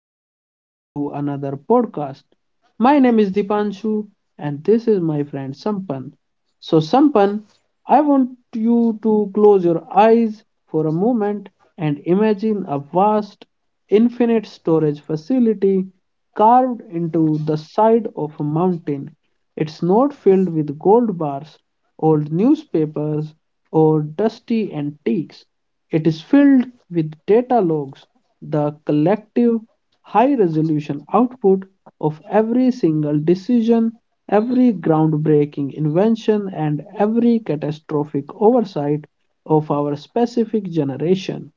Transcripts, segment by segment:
welcome back to another podcast. My name is Dipanshu, and this is my friend Sampan. So, Sampan, I want you to close your eyes for a moment and imagine a vast infinite storage facility carved into the side of a mountain. It's not filled with gold bars, old newspapers, or dusty antiques. It is filled with data logs, the collective high resolution output of every single decision, every groundbreaking invention, and every catastrophic oversight of our specific generation.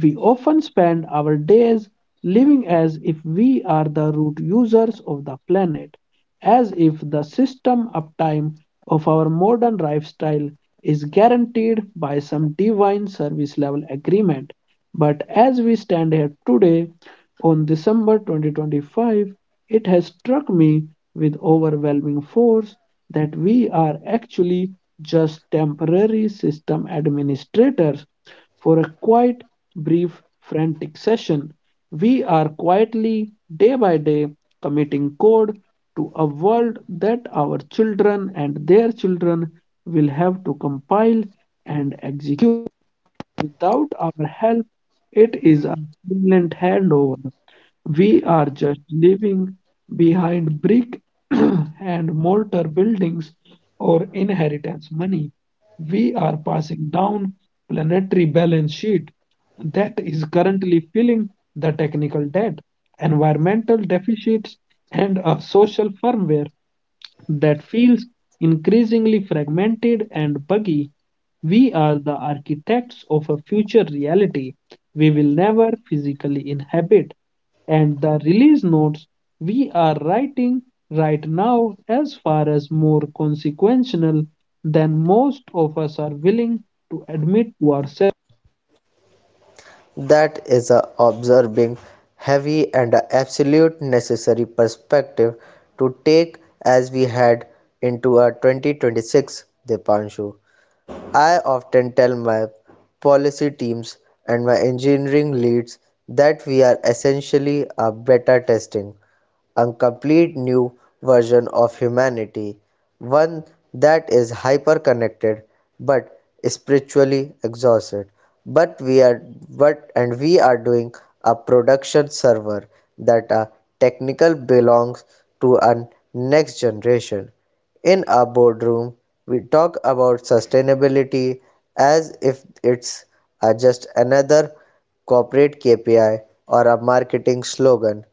We often spend our days living as if we are the root users of the planet, as if the system uptime of our modern lifestyle is guaranteed by some divine service level agreement. But as we stand here today, on December 2025, it has struck me with overwhelming force that we are actually just temporary system administrators for a quite brief, frantic session. We are quietly, day by day, committing code to a world that our children and their children will have to compile and execute. Without our help, it is a silent handover. We are just leaving behind brick and mortar buildings or inheritance money. We are passing down planetary balance sheet that is currently filling the technical debt, environmental deficits, and a social firmware that feels increasingly fragmented and buggy. We are the architects of a future reality we will never physically inhabit, and the release notes we are writing right now, as far as more consequential than most of us are willing to admit to ourselves. That is observing heavy and a absolute necessary perspective to take as we head into a 2026, Dipanshu. I often tell my policy teams and my engineering leads that we are essentially a beta testing, a complete new version of humanity, one that is hyper connected but spiritually exhausted. But we are but and we are doing a production server that a technical belongs to a next generation. In our boardroom, we talk about sustainability as if it's just another corporate KPI or a marketing slogan,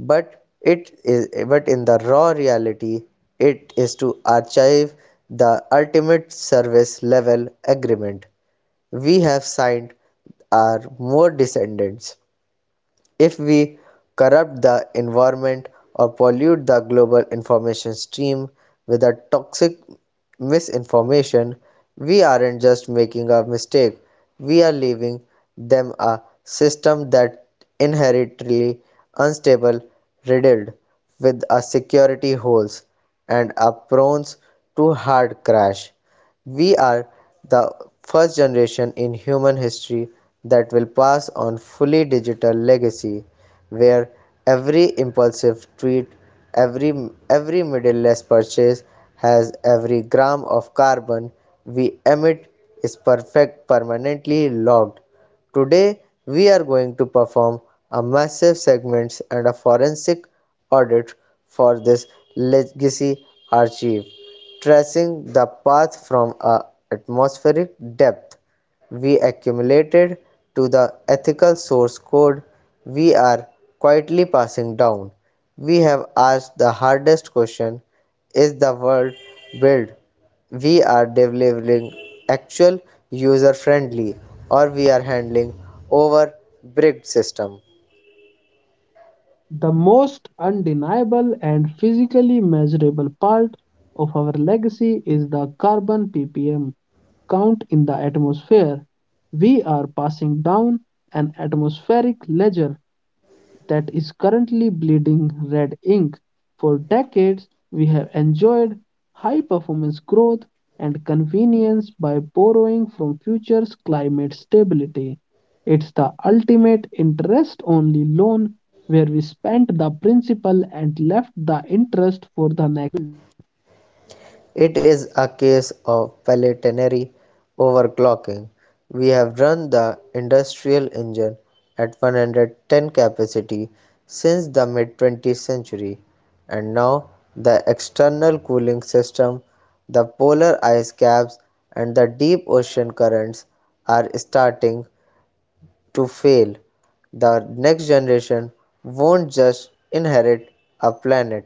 but it is but in the raw reality, it is to achieve the ultimate service level agreement we have signed our more descendants. If we corrupt the environment or pollute the global information stream with a toxic misinformation, we aren't just making a mistake, we are leaving them a system that inherently unstable, riddled with a security holes and are prone to hard crash. We are the first generation in human history that will pass on fully digital legacy where every impulsive tweet, every middleless purchase has every gram of carbon we emit is perfect permanently logged. Today we are going to perform a massive segments and a forensic audit for this legacy archive, tracing the path from an atmospheric depth we accumulated to the ethical source code we are quietly passing down. We have asked the hardest question: is the world built? We are delivering actual user friendly, or we are handling over bricked system. The most undeniable and physically measurable part of our legacy is the carbon ppm count in the atmosphere. We are passing down an atmospheric ledger that is currently bleeding red ink. For decades, we have enjoyed high performance growth and convenience by borrowing from future's climate stability. It's the ultimate interest only loan where we spent the principal and left the interest for the next. It is a case of planetary overclocking. We have run the industrial engine at 110 capacity since the mid 20th century, and now the external cooling system, the polar ice caps, and the deep ocean currents are starting to fail. The next generation won't just inherit a planet,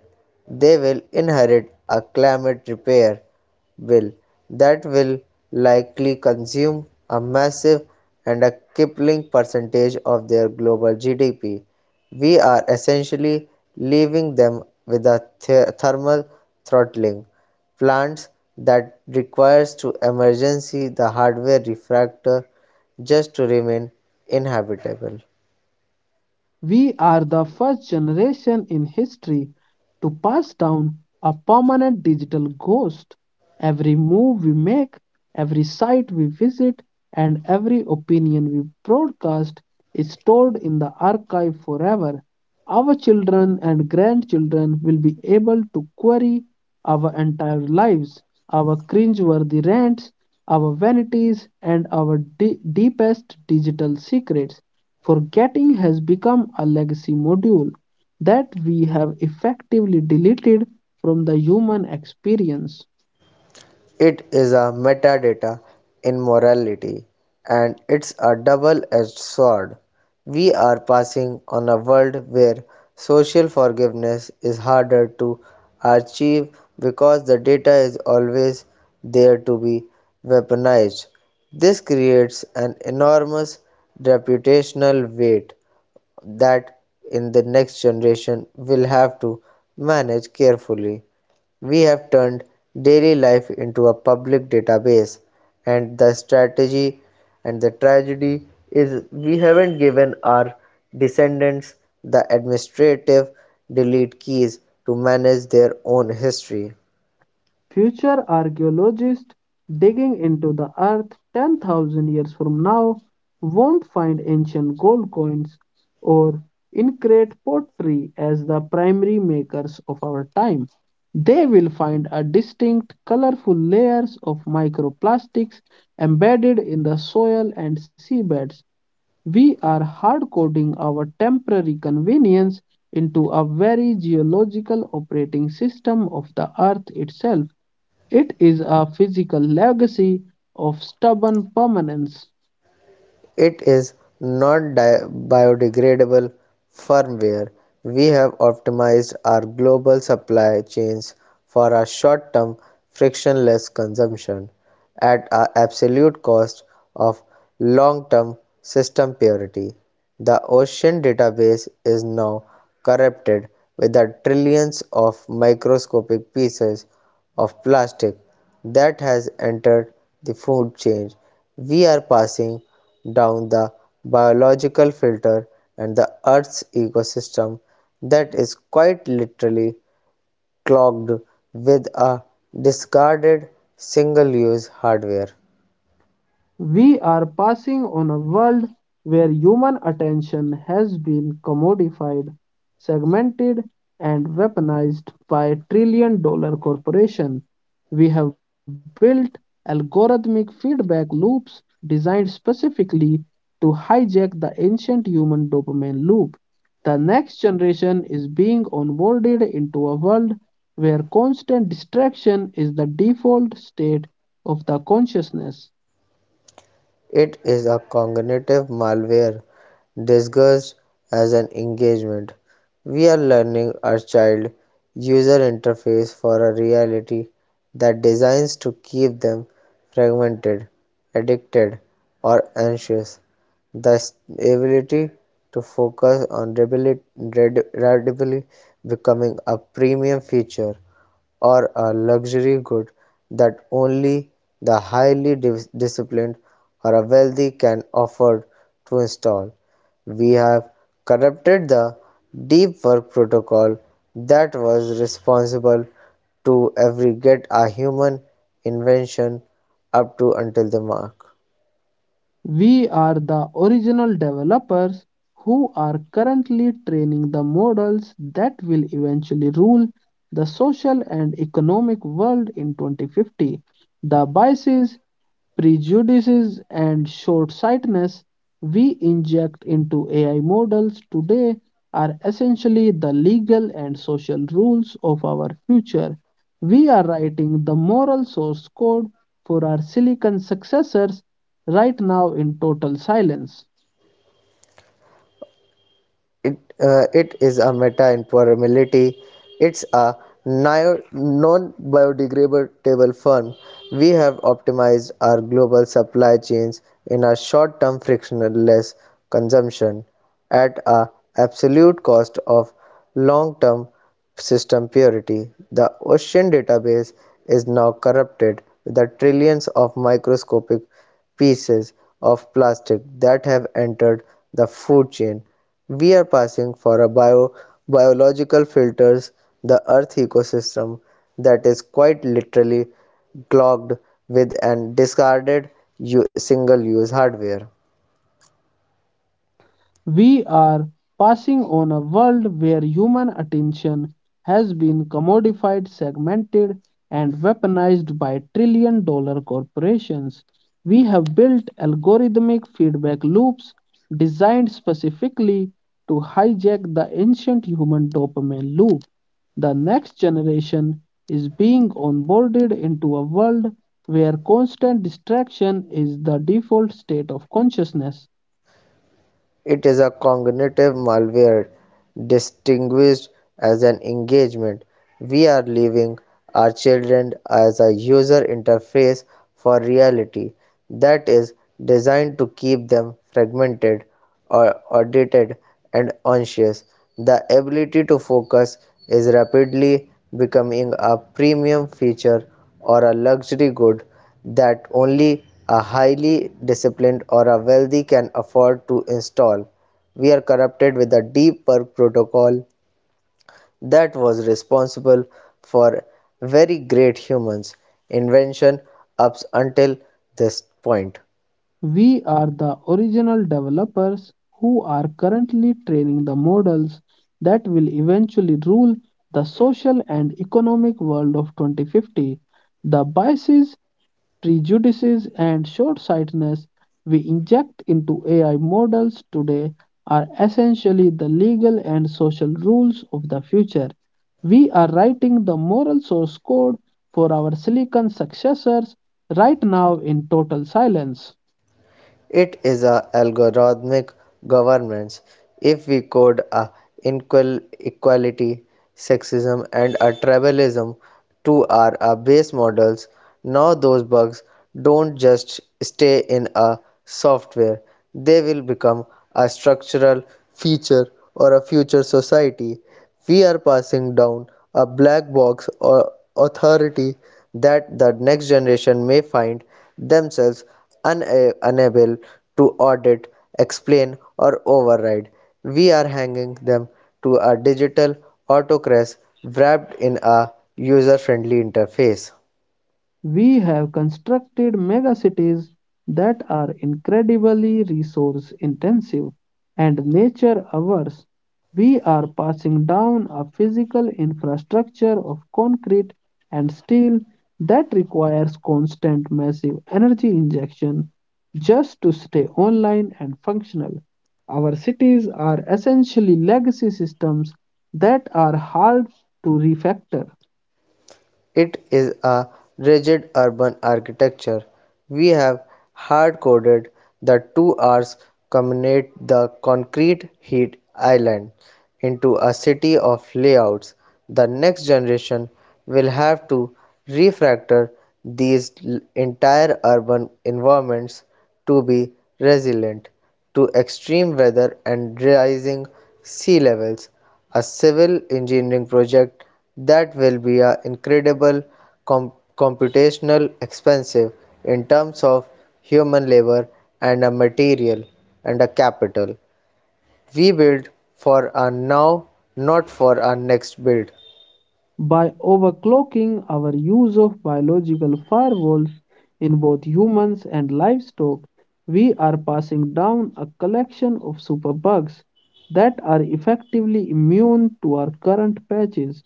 they will inherit a climate repair bill that will likely consume a massive and a crippling percentage of their global GDP. We are essentially leaving them with a thermal throttling plants that requires to emergency the hardware refractor just to remain inhabitable. We are the first generation in history to pass down a permanent digital ghost. Every move we make, every site we visit, and every opinion we broadcast is stored in the archive forever. Our children and grandchildren will be able to query our entire lives, our cringeworthy rants, our vanities, and our deepest digital secrets. Forgetting has become a legacy module that we have effectively deleted from the human experience. It is a metadata in morality, and it's a double-edged sword. We are passing on a world where social forgiveness is harder to achieve because the data is always there to be weaponized. This creates an enormous reputational weight that in the next generation will have to manage carefully. We have turned daily life into a public database, and the strategy and the tragedy is we haven't given our descendants the administrative delete keys to manage their own history. Future archaeologists digging into the earth 10,000 years from now won't find ancient gold coins or intricate pottery as the primary makers of our time. They will find a distinct, colorful layers of microplastics embedded in the soil and seabeds. We are hard coding our temporary convenience into a very geological operating system of the earth itself. It is a physical legacy of stubborn permanence. It is not biodegradable firmware. We have optimized our global supply chains for our short term frictionless consumption at our absolute cost of long term system purity. The ocean database is now corrupted with the trillions of microscopic pieces of plastic that has entered the food chain. We are passing down the biological filter and the earth's ecosystem that is quite literally clogged with a discarded single use hardware. We are passing on a world where human attention has been commodified, segmented, and weaponized by trillion dollar corporations. We have built algorithmic feedback loops designed specifically to hijack the ancient human dopamine loop. The next generation is being onboarded into a world where constant distraction is the default state of the consciousness. It is a cognitive malware disguised as an engagement. We are learning our child user interface for a reality that designs to keep them fragmented, addicted, or anxious. The ability to focus on radically becoming a premium feature or a luxury good that only the highly disciplined or a wealthy can afford to install. We have corrupted the deep work protocol that was responsible to every get a human invention up to until the mark. We are the original developers who are currently training the models that will eventually rule the social and economic world in 2050. The biases, prejudices, and short sightedness we inject into AI models today are essentially the legal and social rules of our future. We are writing the moral source code for our silicon successors right now in total silence. it it is a meta-impermeability. It's a non-biodegradable firm. We have optimized our global supply chains in a short-term frictionless consumption at a absolute cost of long-term system purity. The ocean database is now corrupted with the trillions of microscopic pieces of plastic that have entered the food chain. We are passing for a biological filters the earth ecosystem that is quite literally clogged with and discarded single use hardware. We are passing on a world where human attention has been commodified, segmented, and weaponized by trillion dollar corporations. We have built algorithmic feedback loops designed specifically to hijack the ancient human dopamine loop. The next generation is being onboarded into a world where constant distraction is the default state of consciousness. It is a cognitive malware distinguished as an engagement. We are leaving our children as a user interface for reality that is designed to keep them fragmented or audited and anxious. The ability to focus is rapidly becoming a premium feature or a luxury good that only a highly disciplined or a wealthy can afford to install. We are corrupted with a deep work protocol that was responsible for very great humans' invention up until this point. We are the original developers who are currently training the models that will eventually rule the social and economic world of 2050. The biases, prejudices, and short sightedness we inject into AI models today are essentially the legal and social rules of the future. We are writing the moral source code for our silicon successors right now in total silence. It is a algorithmic governance. If we code a inequality, sexism, and a tribalism to our base models, now those bugs don't just stay in a software; they will become a structural feature or a future society we are passing down a black box or authority that the next generation may find themselves unable to audit, explain, or override. We are hanging them to a digital autocrat wrapped in a user friendly interface. We have constructed megacities that are incredibly resource intensive and nature averse. We are passing down a physical infrastructure of concrete and steel that requires constant massive energy injection just to stay online and functional. Our cities are essentially legacy systems that are hard to refactor. It is a rigid urban architecture. We have hard coded the two R's, combinate the concrete heat island into a city of layouts. The next generation will have to refactor these entire urban environments to be resilient to extreme weather and rising sea levels, a civil engineering project that will be a incredible computational expensive in terms of human labor and a material and a capital we build for our now, not for our next build. By overclocking our use of biological firewalls in both humans and livestock, we are passing down a collection of superbugs that are effectively immune to our current patches.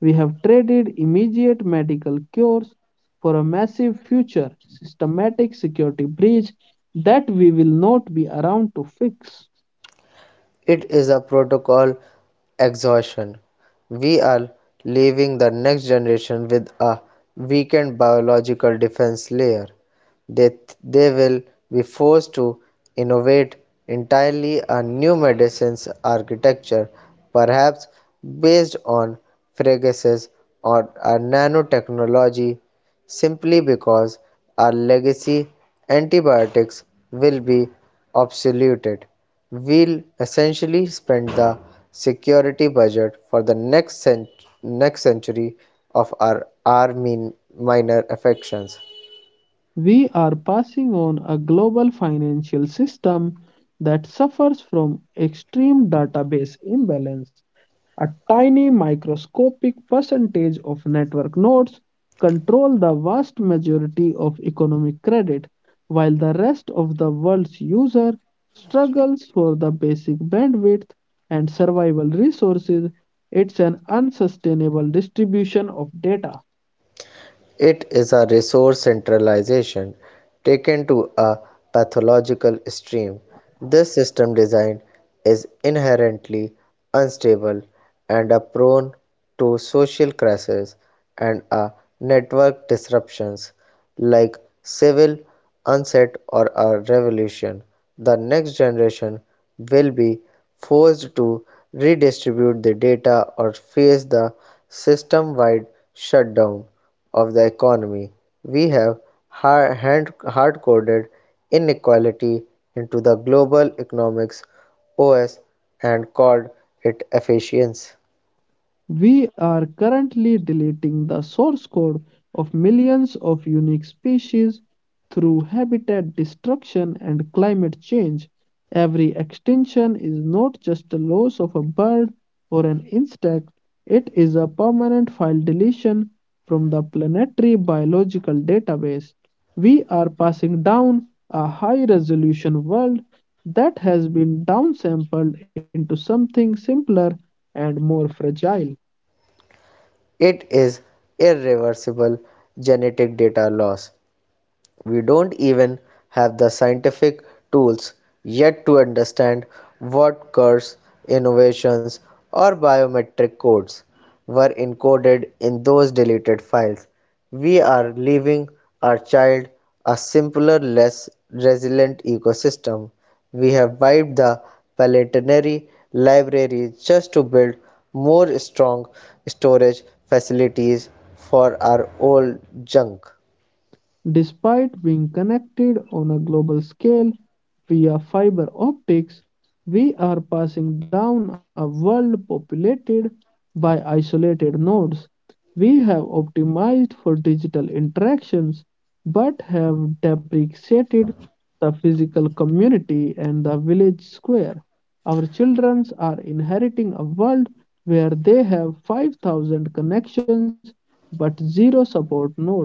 We have traded immediate medical cures for a massive future systematic security breach that we will not be around to fix. It is a protocol exhaustion. We are leaving the next generation with a weakened biological defense layer. They, they will be forced to innovate entirely a new medicines architecture, perhaps based on fragases or a nanotechnology, simply because our legacy antibiotics will be obsoleted, will essentially spend the security budget for the next century of our minor affections. We are passing on a global financial system that suffers from extreme database imbalance. A tiny microscopic percentage of network nodes control the vast majority of economic credit, while the rest of the world's user struggles for the basic bandwidth and survival resources. It's an unsustainable distribution of data. It is a resource centralization taken to a pathological extreme. This system design is inherently unstable and are prone to social crises and network disruptions, like civil unset or a revolution. The next generation will be forced to redistribute the data or face the system wide shutdown of the economy. We have hard coded inequality into the global economics OS and called it efficiency. We are currently deleting the source code of millions of unique species through habitat destruction and climate change. Every extinction is not just the loss of a bird or an insect, it is a permanent file deletion from the planetary biological database. We are passing down a high resolution world that has been downsampled into something simpler and more fragile. It is irreversible genetic data loss. We don't even have the scientific tools yet to understand what curves, innovations, or biometric codes were encoded in those deleted files. We are leaving our child a simpler, less resilient ecosystem. We have wiped the palatary library just to build more strong storage facilities for our old junk. Despite being connected on a global scale via fiber optics, we are passing down a world populated by isolated nodes. We have optimized for digital interactions but have depreciated the physical community and the village square. Our children are inheriting a world where they have 5,000 connections but zero support nodes.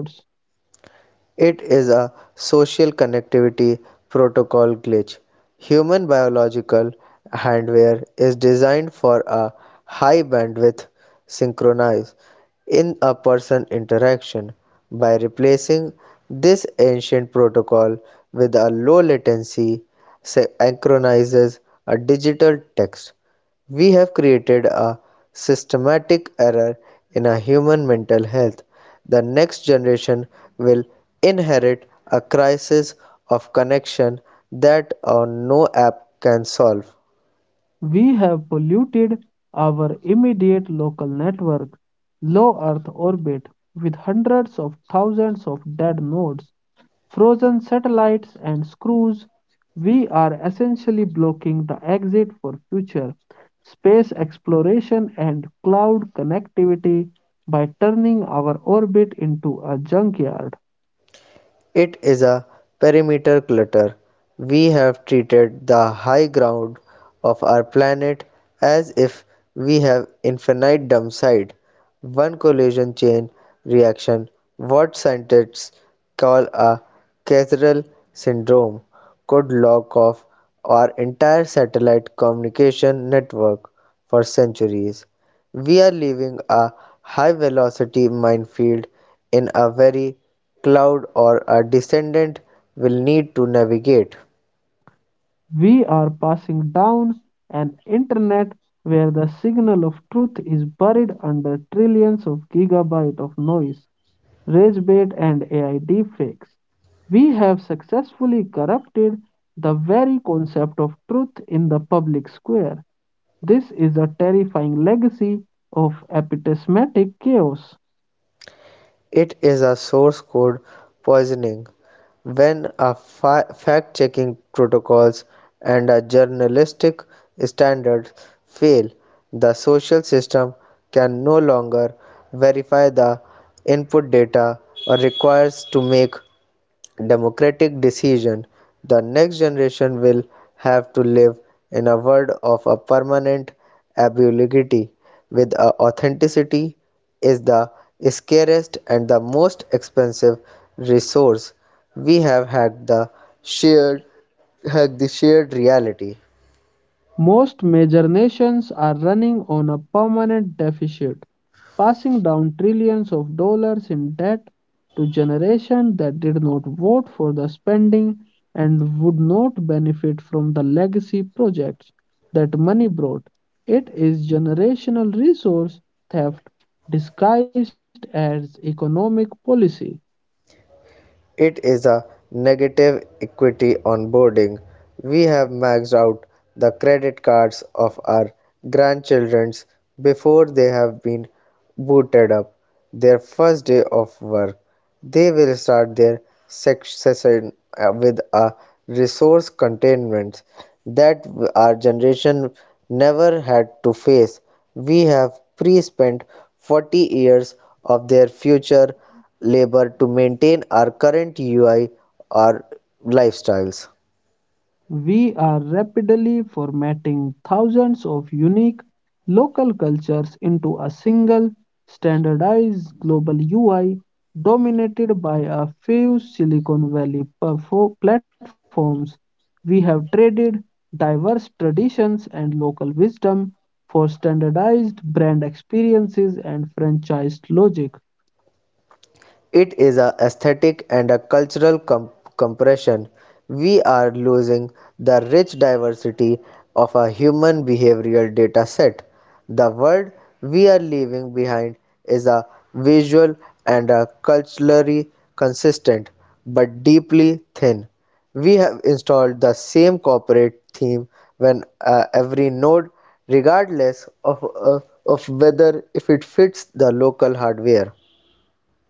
It is a social connectivity protocol glitch. Human biological hardware is designed for a high bandwidth synchronize in a person interaction. By replacing this ancient protocol with a low latency synchronizes a digital text, we have created a systematic error in our human mental health. The next generation will inherit a crisis of connection that no app can solve. We have polluted our immediate local network, low Earth orbit, with hundreds of thousands of dead nodes, frozen satellites, and screws. We are essentially blocking the exit for future space exploration and cloud connectivity by turning our orbit into a junkyard. It is a perimeter clutter. We have treated the high ground of our planet as if we have infinite dump side. One collision chain reaction, what scientists call a Cathedral syndrome, could lock off our entire satellite communication network for centuries. We are leaving a high velocity minefield in a very cloud or a descendant will need to navigate. We are passing down an internet where the signal of truth is buried under trillions of gigabyte of noise, rage bait, and AI deepfakes. We have successfully corrupted the very concept of truth in the public square. This is a terrifying legacy of epistemic chaos. It is a source code poisoning. When a fact checking protocols and a journalistic standards fail, the social system can no longer verify the input data or requires to make democratic decision, the next generation will have to live in a world of a permanent ambiguity with a authenticity is the scarcest and the most expensive resource we have shared had the shared reality. Most major nations are running on a permanent deficit, passing down trillions of dollars in debt to generations that did not vote for the spending and would not benefit from the legacy projects that money brought. It is generational resource theft disguised as economic policy. It is a negative equity onboarding. We have maxed out the credit cards of our grandchildren before they have been booted up their first day of work. They will start their session with a resource containment that our generation never had to face. We have pre spent 40 years of their future labor to maintain our current UI or lifestyles. We are rapidly formatting thousands of unique local cultures into a single standardized global UI dominated by a few Silicon Valley platforms. We have traded diverse traditions and local wisdom for standardized brand experiences and franchised logic. It is a aesthetic and a cultural compression. We are losing the rich diversity of a human behavioral data set. The world we are leaving behind is a visual and a culturally consistent but deeply thin. We have installed the same corporate theme when every node regardless of whether if it fits the local hardware.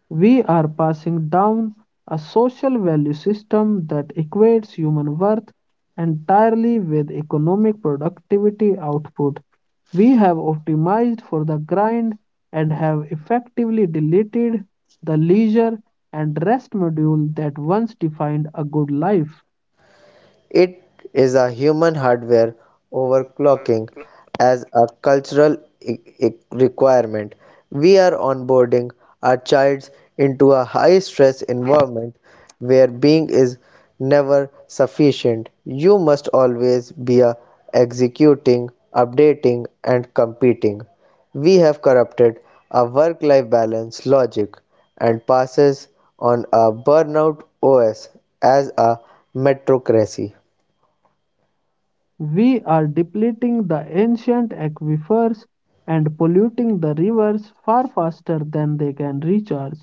We are passing down a social value system that equates human worth entirely with economic productivity output. We have optimized for the grind and have effectively deleted the leisure and rest module that once defined a good life. It is a human hardware overclocking as a cultural requirement. We are onboarding our child into a high stress environment where being is never sufficient. You must always be a executing, updating, and competing. We have corrupted a work life balance logic and passes on a burnout OS as a metrocracy. We are depleting the ancient aquifers and polluting the rivers far faster than they can recharge.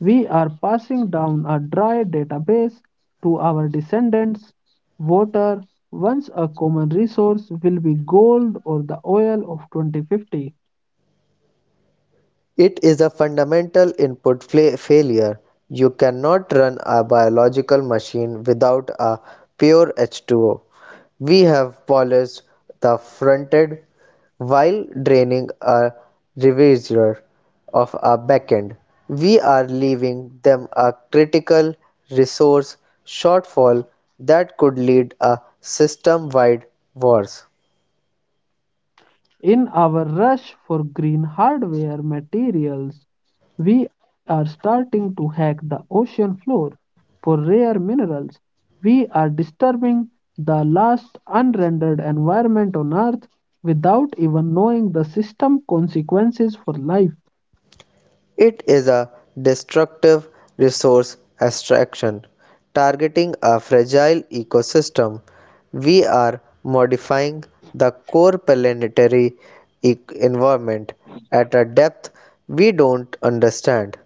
We are passing down a dry database to our descendants. Water, once a common resource, will be gold or the oil of 2050. It is a fundamental input failure. You cannot run a biological machine without a pure H2O. We have polished the fronted while draining a reservoir of a backend. We are leaving them a critical resource shortfall that could lead a system-wide wars. In our rush for green hardware materials, we are starting to hack the ocean floor for rare minerals. We are disturbing the last unrendered environment on Earth without even knowing the system consequences for life. It is a destructive resource extraction targeting a fragile ecosystem. We are modifying the core planetary environment at a depth we don't understand.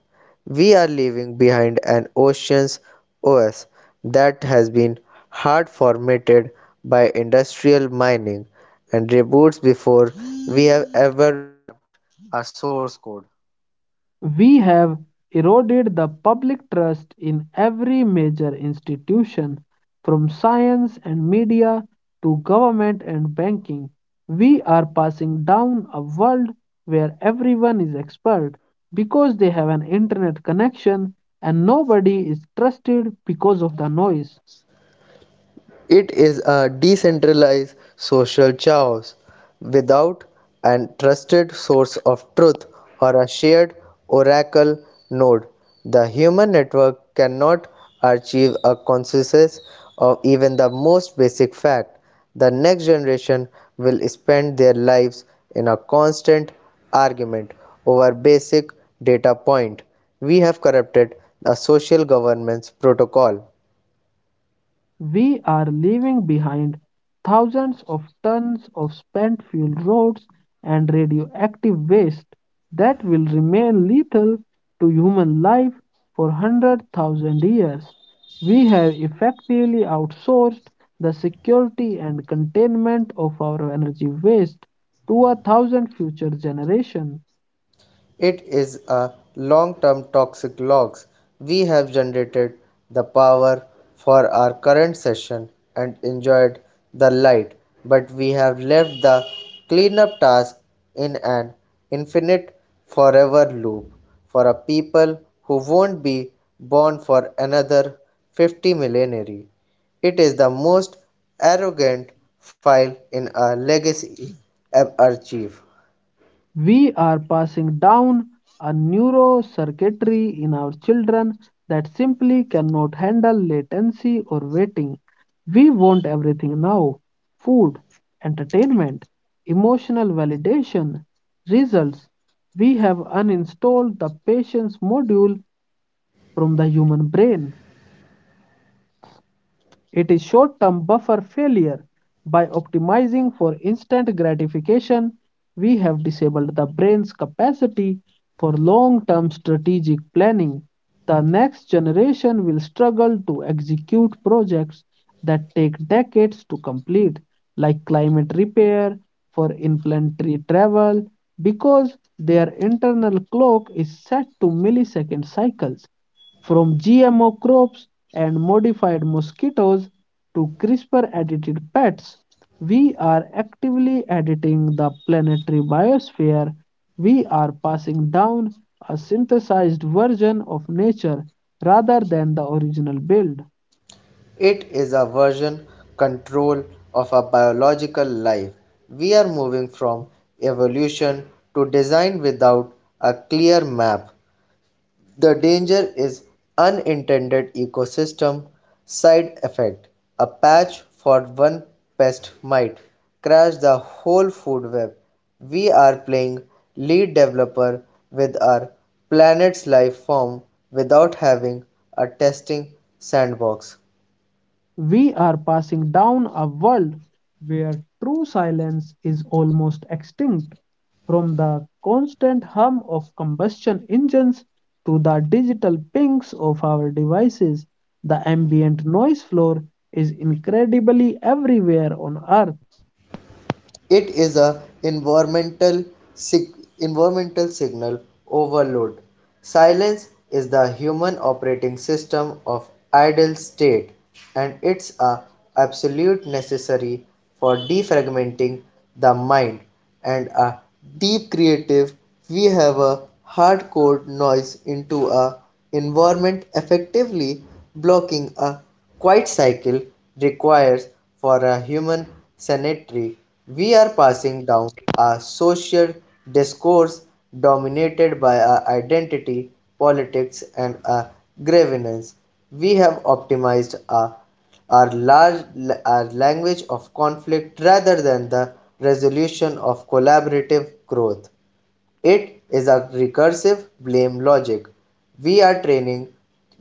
We are leaving behind an ocean's OS that has been hard formatted by industrial mining and reboots. We have eroded the public trust in every major institution, from science and media to government and banking. We are passing down a world where everyone is expert because they have an internet connection and nobody is trusted because of the noise. It is a decentralized social chaos without a trusted source of truth or a shared oracle node. The human network cannot achieve a consensus of even the most basic fact. The next generation will spend their lives in a constant argument over basic data point. We have corrupted the social governance protocol. We are leaving behind thousands of tons of spent fuel rods and radioactive waste that will remain lethal to human life for 100,000 years. We have effectively outsourced the security and containment of our energy waste to a thousand future generations. It is a long-term toxic logs. We have generated the power for our current session and enjoyed the light, but we have left the cleanup task in an infinite forever loop for a people who won't be born for another 50 millennia. It is the most arrogant file in our legacy archive. We are passing down a neurocircuitry in our children that simply cannot handle latency or waiting. We want everything now: food, entertainment, emotional validation, results. We have uninstalled the patience module from the human brain. It is short term buffer failure. By optimizing for instant gratification, we have disabled the brain's capacity for long term strategic planning. The next generation will struggle to execute projects that take decades to complete, like climate repair for interplanetary travel, because their internal clock is set to millisecond cycles. From GMO crops and modified mosquitoes to CRISPR edited pets, we are actively editing the planetary biosphere. We are passing down a synthesized version of nature rather than the original build. It is a version control of a biological life. We are moving from evolution to design without a clear map. The danger is unintended ecosystem side effect. A patch for one pest might crash the whole food web. We are playing lead developer with our planet's life form without having a testing sandbox. We are passing down a world where true silence is almost extinct, from the constant hum of combustion engines to the digital pings of our devices. The ambient noise floor is incredibly everywhere on Earth. It is a environmental environmental signal overload. Silence is the human operating system of idle state, and it's a absolute necessary for defragmenting the mind and a deep creative. We have a hard-code noise into a environment effectively blocking a Quite cycle requires for a human sanitary. We are passing down a social discourse dominated by a identity, politics, and a grievance. We have optimized a our large our language of conflict rather than the resolution of collaborative growth. It is a recursive blame logic. We are training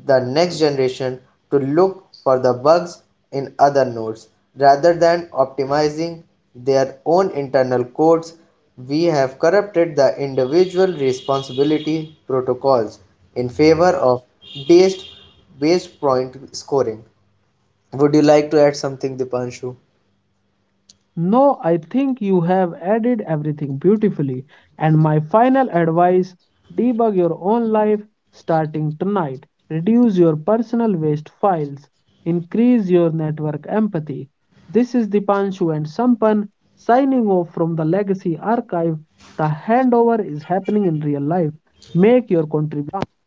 the next generation to look for the bugs in other nodes rather than optimizing their own internal codes. We have corrupted the individual responsibility protocols in favor of based based point scoring. Would you like to add something, Dipanshu? No, I think you have added everything beautifully. And my final advice: debug your own life starting tonight. Reduce your personal waste files. Increase your network empathy. This is Dipanshu and Sampan signing off from the Legacy Archive. The handover is happening in real life. Make your contribution.